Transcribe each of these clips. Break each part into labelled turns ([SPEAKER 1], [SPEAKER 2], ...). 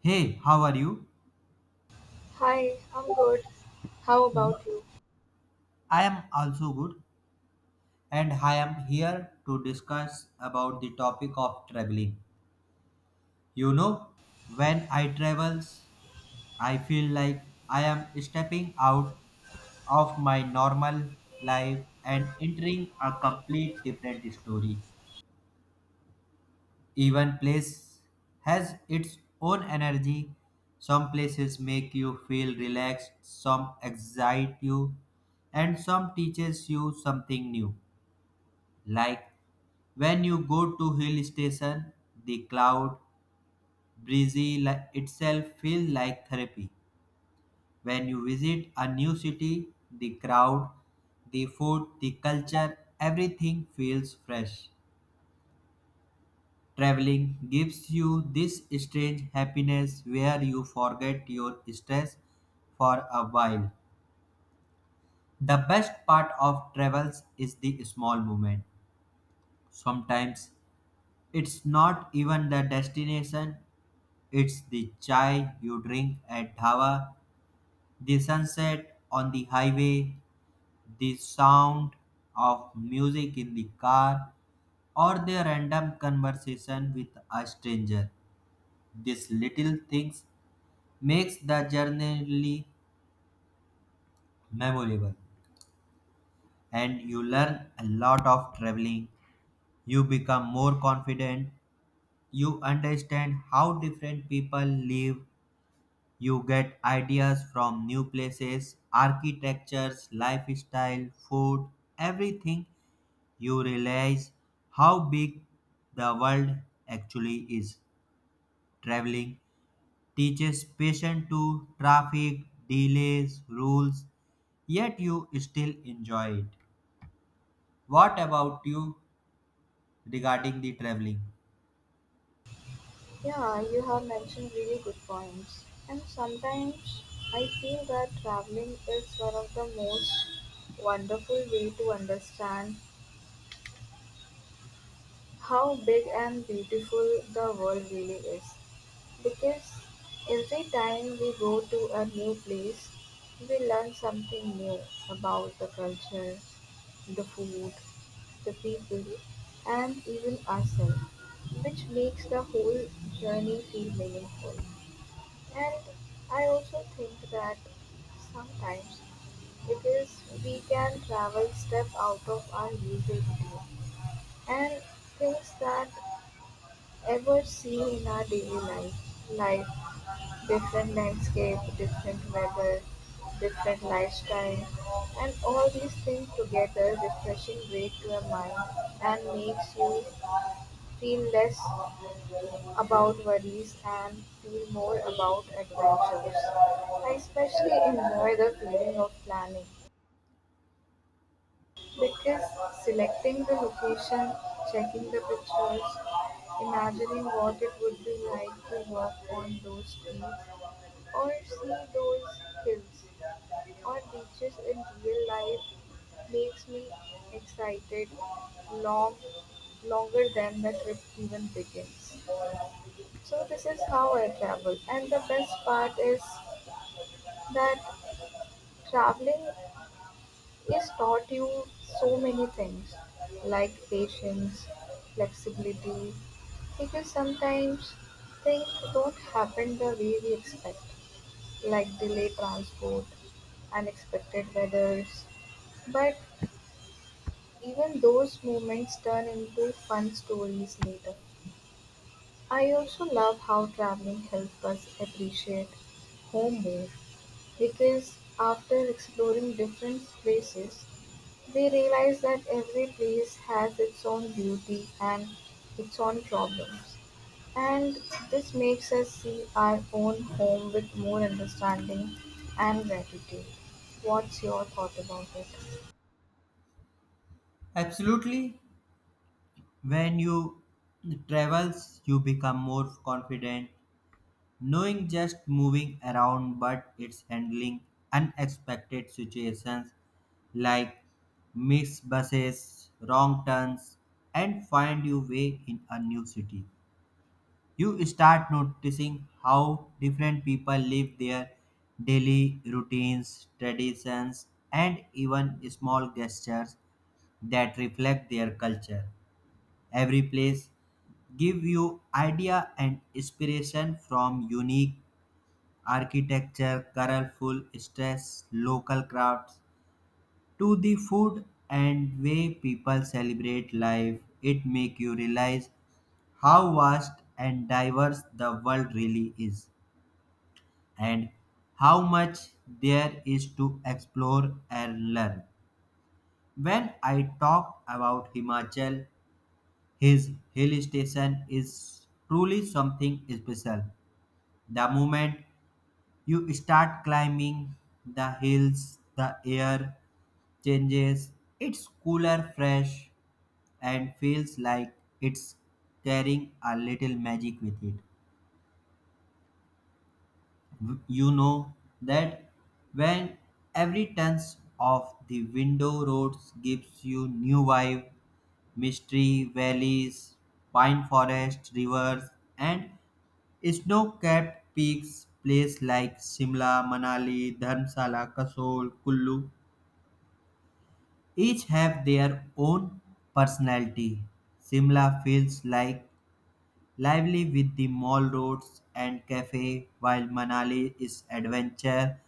[SPEAKER 1] Hey, how are you?
[SPEAKER 2] Hi, I'm good. How about you?
[SPEAKER 1] I am also good, and I am here to discuss about the topic of traveling. You know, when I travels, I feel like I am stepping out of my normal life and entering a complete different story. Even place has its own energy. Some places make you feel relaxed, some excite you, and some teaches you something new. Like when you go to hill station, the cloud breezy itself feels like therapy. When you visit a new city, the crowd, the food, the culture, everything feels fresh. Traveling gives you this strange happiness where you forget your stress for a while. The best part of travels is the small moment. Sometimes it's not even the destination, it's the chai you drink at Dhaba, the sunset on the highway, the sound of music in the car, or the random conversation with a stranger. These little things makes the journey really memorable, and you learn a lot of traveling. You become more confident. You understand how different people live. You get ideas from new places, architectures, lifestyle, food, everything. You realize how big the world actually is. Traveling teaches patience to traffic, delays, rules, yet you still enjoy it. What about you regarding the traveling?
[SPEAKER 2] Yeah, you have mentioned really good points. And sometimes I feel that traveling is one of the most wonderful way to understand how big and beautiful the world really is. Because every time we go to a new place, we learn something new about the culture, the food, the people, and even ourselves, which makes the whole journey feel meaningful. And I also think that sometimes, because we can travel step out of our usual routine and things that ever seen in our daily life, life different landscape, different weather, different lifestyle, and all these things together refreshing break to your mind and makes you feel less about worries and feel more about adventures. I especially enjoy the feeling of planning because selecting the location, checking the pictures, imagining what it would be like to walk on those streets or see those hills on beaches in real life makes me excited long longer than the trip even begins. So this is how I travel and the best part is that traveling is taught you so many things like patience, flexibility because sometimes things don't happen the way we expect like delayed transport, unexpected weathers but even those moments turn into fun stories later. I also love how traveling helped us appreciate home more because after exploring different places, we realize that every place has its own beauty and its own problems. And this makes us see our own home with more understanding and gratitude. What's your thought about it?
[SPEAKER 1] Absolutely. When you travels, you become more confident. Knowing just moving around but it's handling unexpected situations like missed buses, wrong turns, and find your way in a new city. You start noticing how different people live their daily routines, traditions, and even small gestures that reflect their culture. Every place give you idea and inspiration from unique architecture, colorful stress, local crafts, to the food and way people celebrate life. It make you realize how vast and diverse the world really is, and how much there is to explore and learn. When I talk about Himachal, his hill station is truly something special. The moment you start climbing the hills, the air changes, it's cooler, fresh, and feels like it's carrying a little magic with it. You know that when every turns of the window roads gives you new vibe, mystery, valleys, pine forest, rivers, and snow-capped peaks, place like Shimla, Manali, Dharamsala, Kasol, Kullu each have their own personality. Simla feels like lively with the mall roads and cafe, while Manali is adventure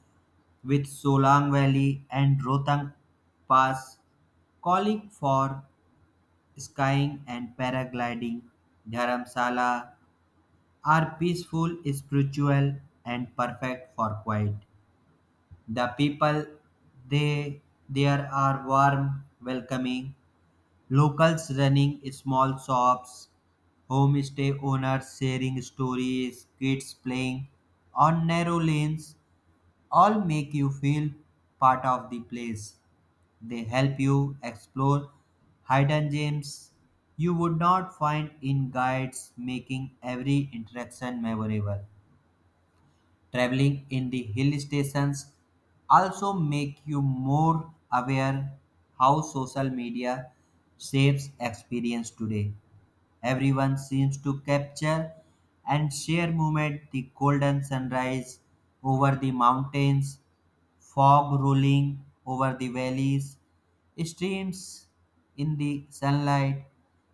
[SPEAKER 1] with Solang Valley and Rohtang Pass, calling for skying and paragliding. Dharamsala are peaceful, spiritual, and perfect for quiet. The people they there are warm, welcoming. Locals running small shops, homestay owners sharing stories, kids playing on narrow lanes all make you feel part of the place. They help you explore hidden gems you would not find in guides, making every interaction memorable. Traveling in the hill stations also make you more aware how social media shapes experience today. Everyone seems to capture and share moment the golden sunrise over the mountains, fog rolling over the valleys, streams in the sunlight.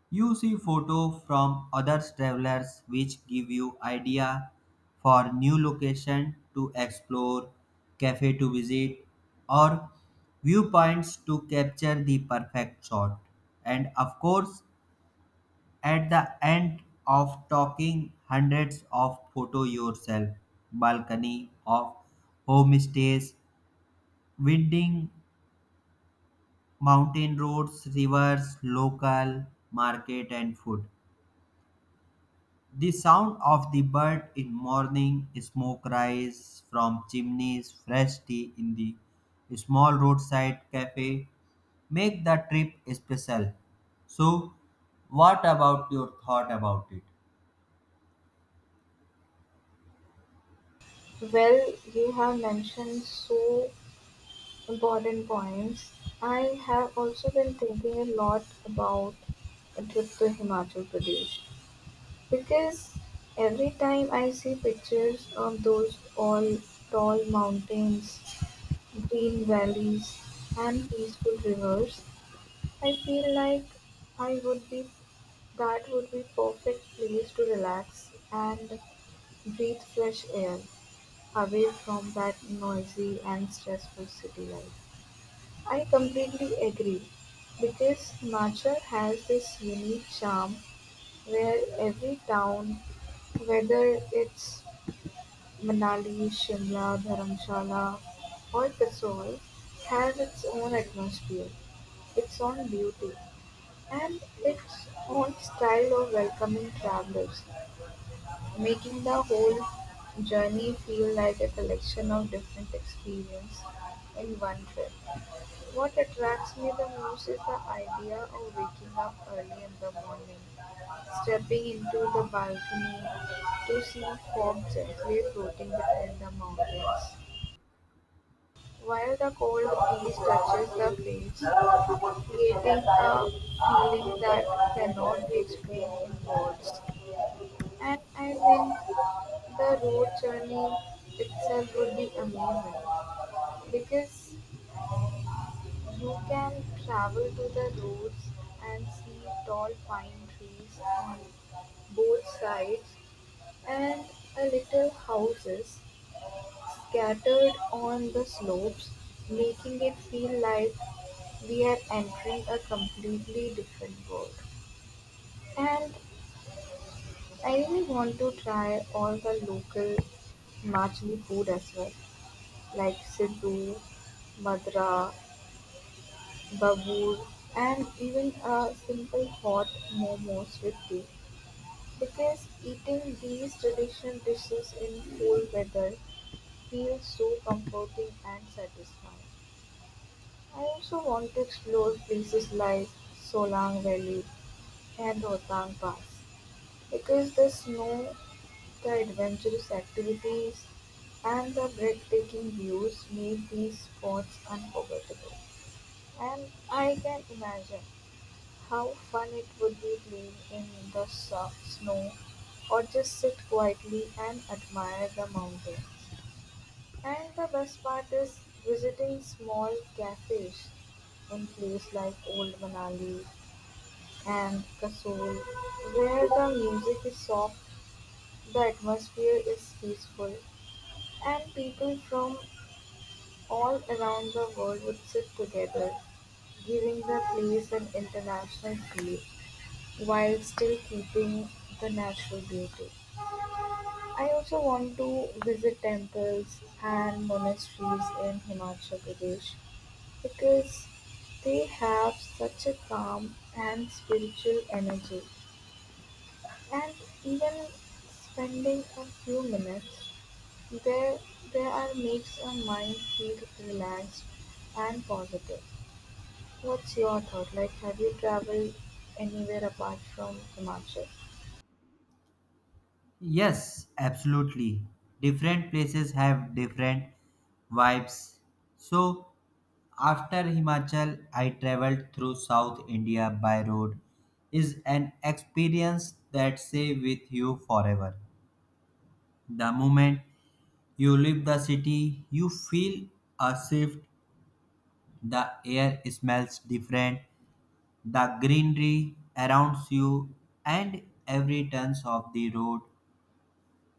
[SPEAKER 1] You see photo from other travelers which give you idea for new location to explore, cafe to visit, or viewpoints to capture the perfect shot. And of course, at the end of talking hundreds of photo yourself, balcony of homestays, winding mountain roads, rivers, local market, and food. The sound of the bird in morning, smoke rise from chimneys, fresh tea in the small roadside cafe make the trip special. So, what about your thought about it?
[SPEAKER 2] Well, you have mentioned so important points. I have also been thinking a lot about a trip to Himachal Pradesh because every time I see pictures of those all tall mountains, green valleys, and peaceful rivers, I feel like I would be that would be perfect place to relax and breathe fresh air away from that noisy and stressful city life. I completely agree, because Himachal has this unique charm where every town, whether it's Manali, Shimla, Dharamshala, or Kasol, has its own atmosphere, its own beauty, and its own style of welcoming travelers, making the whole journey feel like a collection of different experiences in one trip. What attracts me the most is the idea of waking up early in the morning, stepping into the balcony to see fog gently floating between the mountains, while the cold breeze touches the face, creating a feeling that cannot be explained in words. And I think the road journey itself would be amazing because you can travel to the roads and see tall pine trees on both sides and a little houses scattered on the slopes, making it feel like we are entering a completely different world. And I really want to try all the local Himachali food as well, like Siddu, Madra, Babur, and even a simple hot momos with tea. Because eating these traditional dishes in cool weather feels so comforting and satisfying. I also want to explore places like Solang Valley and Rohtang Pass because the snow, the adventurous activities, and the breathtaking views make these spots unforgettable. And I can imagine how fun it would be playing in the snow or just sit quietly and admire the mountains. And the best part is visiting small cafes in places like Old Manali and Kasol, where the music is soft, the atmosphere is peaceful, and people from all around the world would sit together, giving the place an international feel, while still keeping the natural beauty. I also want to visit temples and monasteries in Himachal Pradesh because they have such a calm and spiritual energy. And even spending a few minutes there, there are makes a mind feel relaxed and positive. What's your thought? Like, have you traveled anywhere apart from Himachal?
[SPEAKER 1] Yes, absolutely. Different places have different vibes. So, after Himachal, I traveled through South India by road. Is an experience that stay with you forever. The moment you leave the city, you feel a shift. The air smells different. The greenery around you and every turn of the road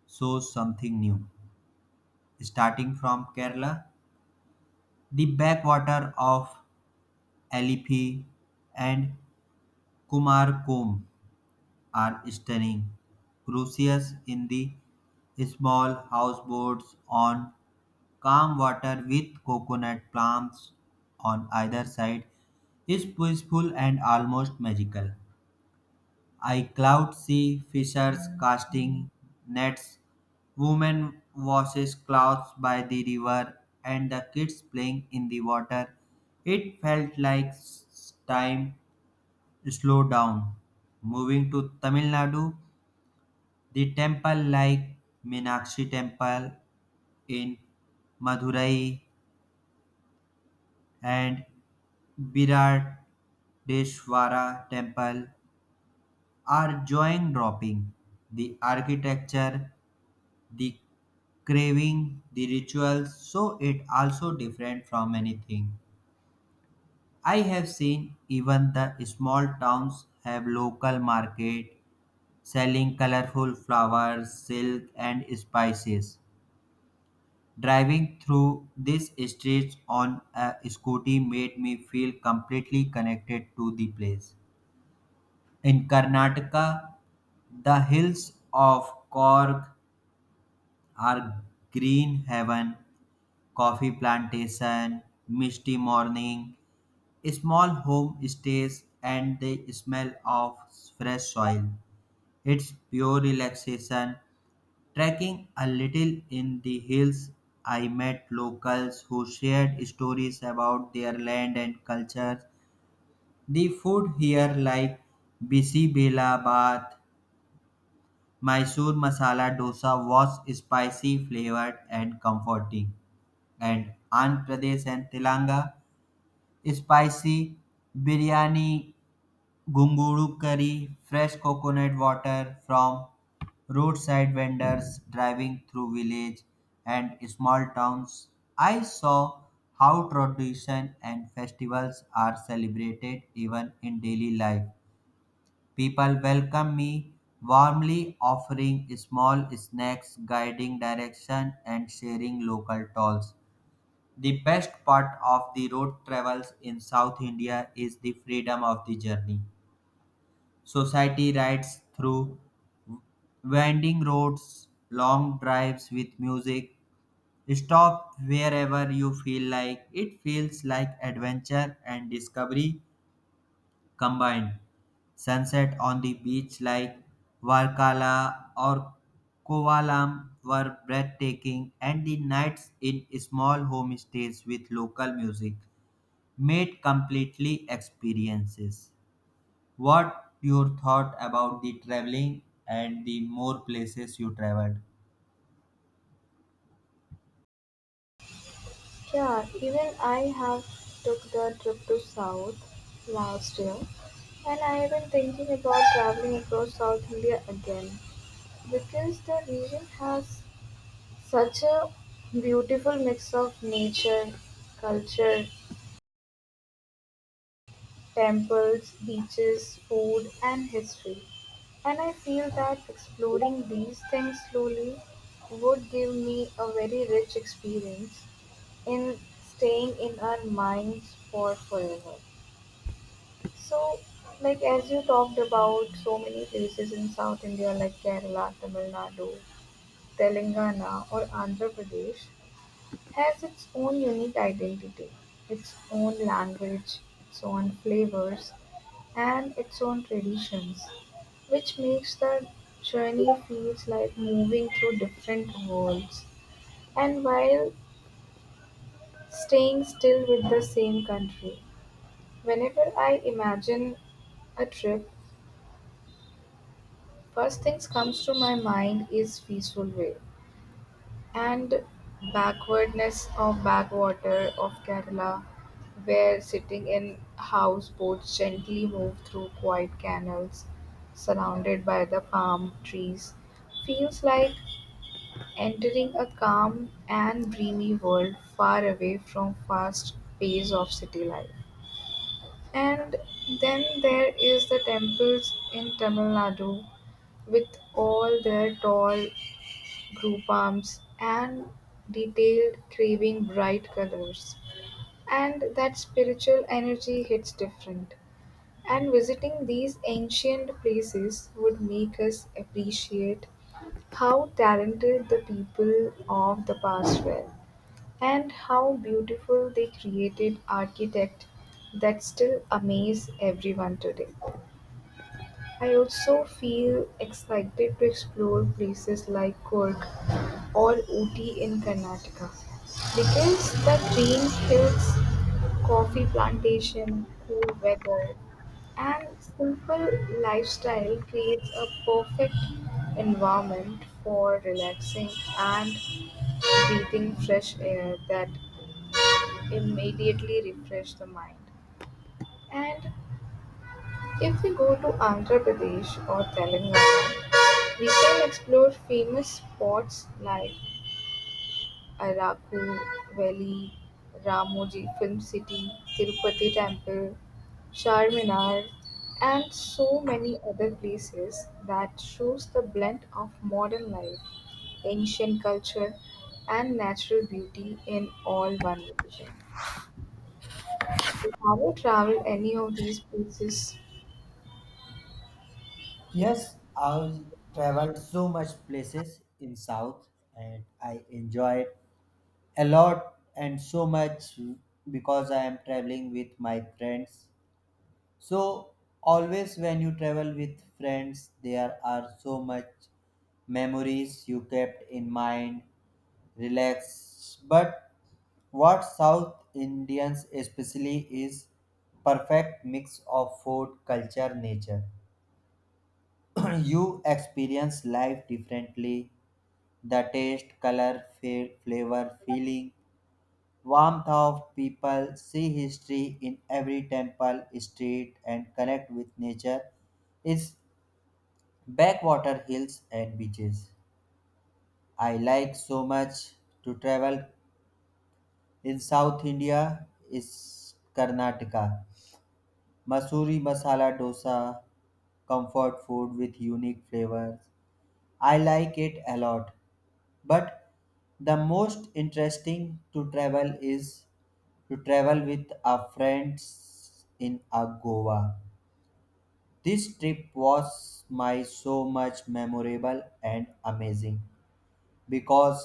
[SPEAKER 1] shows something new. Starting from Kerala, the backwater of Alipi and Kumarkom are stunning, crucius in the small houseboats on calm water with coconut palms on either side is peaceful and almost magical. I cloud see fishers casting nets, women washes clothes by the river, and the kids playing in the water. It felt like time slowed down. Moving to Tamil Nadu, the temple like Meenakshi Temple in Madurai and Biradeshwara Temple are jaw dropping. The architecture, the craving, the rituals, so it also different from anything I have seen. Even the small towns have local market selling colorful flowers, silk, and spices. Driving through these streets on a scooty made me feel completely connected to the place. In Karnataka, the hills of Cork are green heaven, coffee plantation, misty morning, small home stays, and the smell of fresh soil. It's pure relaxation. Trekking a little in the hills, I met locals who shared stories about their land and culture. The food here, like Bisi Bela Bath, Mysore Masala Dosa, was spicy, flavored, and comforting. And Andhra Pradesh and Telangana spicy biryani, gunguru curry, fresh coconut water from roadside vendors driving through village and small towns. I saw how tradition and festivals are celebrated even in daily life. People welcome me warmly, offering small snacks, guiding direction, and sharing local tolls. The best part of the road travels in South India is the freedom of the journey. Society rides through winding roads, long drives with music. Stop wherever you feel like. It feels like adventure and discovery combined. Sunset on the beach like Varkala or Kovalam were breathtaking, and the nights in small homestays with local music made completely experiences. What your thought about the traveling and the more places you traveled?
[SPEAKER 2] Sure, even I have took the trip to South last year and I have been thinking about traveling across South India again because the region has such a beautiful mix of nature, culture, temples, beaches, food and history. And I feel that exploring these things slowly would give me a very rich experience in staying in our minds for forever. So, like as you talked about so many places in South India like Kerala, Tamil Nadu, Telangana or Andhra Pradesh has its own unique identity, its own language, its own flavors and its own traditions, which makes the journey feels like moving through different worlds and while staying still with the same country. Whenever I imagine a trip, first things comes to my mind is peaceful way and backwardness of backwater of Kerala, where sitting in houseboats gently move through quiet canals surrounded by the palm trees feels like entering a calm and dreamy world far away from fast pace of city life. And then there is the temples in Tamil Nadu with all their tall group arms and detailed carving bright colors. And that spiritual energy hits different. And visiting these ancient places would make us appreciate how talented the people of the past were. And how beautiful they created architect that still amaze everyone today. I also feel excited to explore places like Cork or Ooty in Karnataka because the green hills, coffee plantation, cool weather, and simple lifestyle creates a perfect environment for relaxing and breathing fresh air that immediately refresh the mind. And if we go to Andhra Pradesh or Telangana, we can explore famous spots like Araku Valley, Ramoji Film City, Tirupati Temple, Charminar, and so many other places that shows the blend of modern life, ancient culture, and natural beauty in all one location. You haven't traveled any of these places.
[SPEAKER 1] Yes, I traveled so much places in South and I enjoyed a lot and so much because I am traveling with my friends. So always when you travel with friends there are so much memories you kept in mind relax. But what South Indians especially is perfect mix of food, culture, nature. You experience life differently. The taste, color, flavor, feeling, warmth of people, see history in every temple, street, and connect with nature is backwater hills and beaches. I like so much to travel in South India is Karnataka. Masuri masala dosa, comfort food with unique flavors. I like it a lot. But the most interesting to travel is to travel with a friends in a Goa. This trip was my so much memorable and amazing, because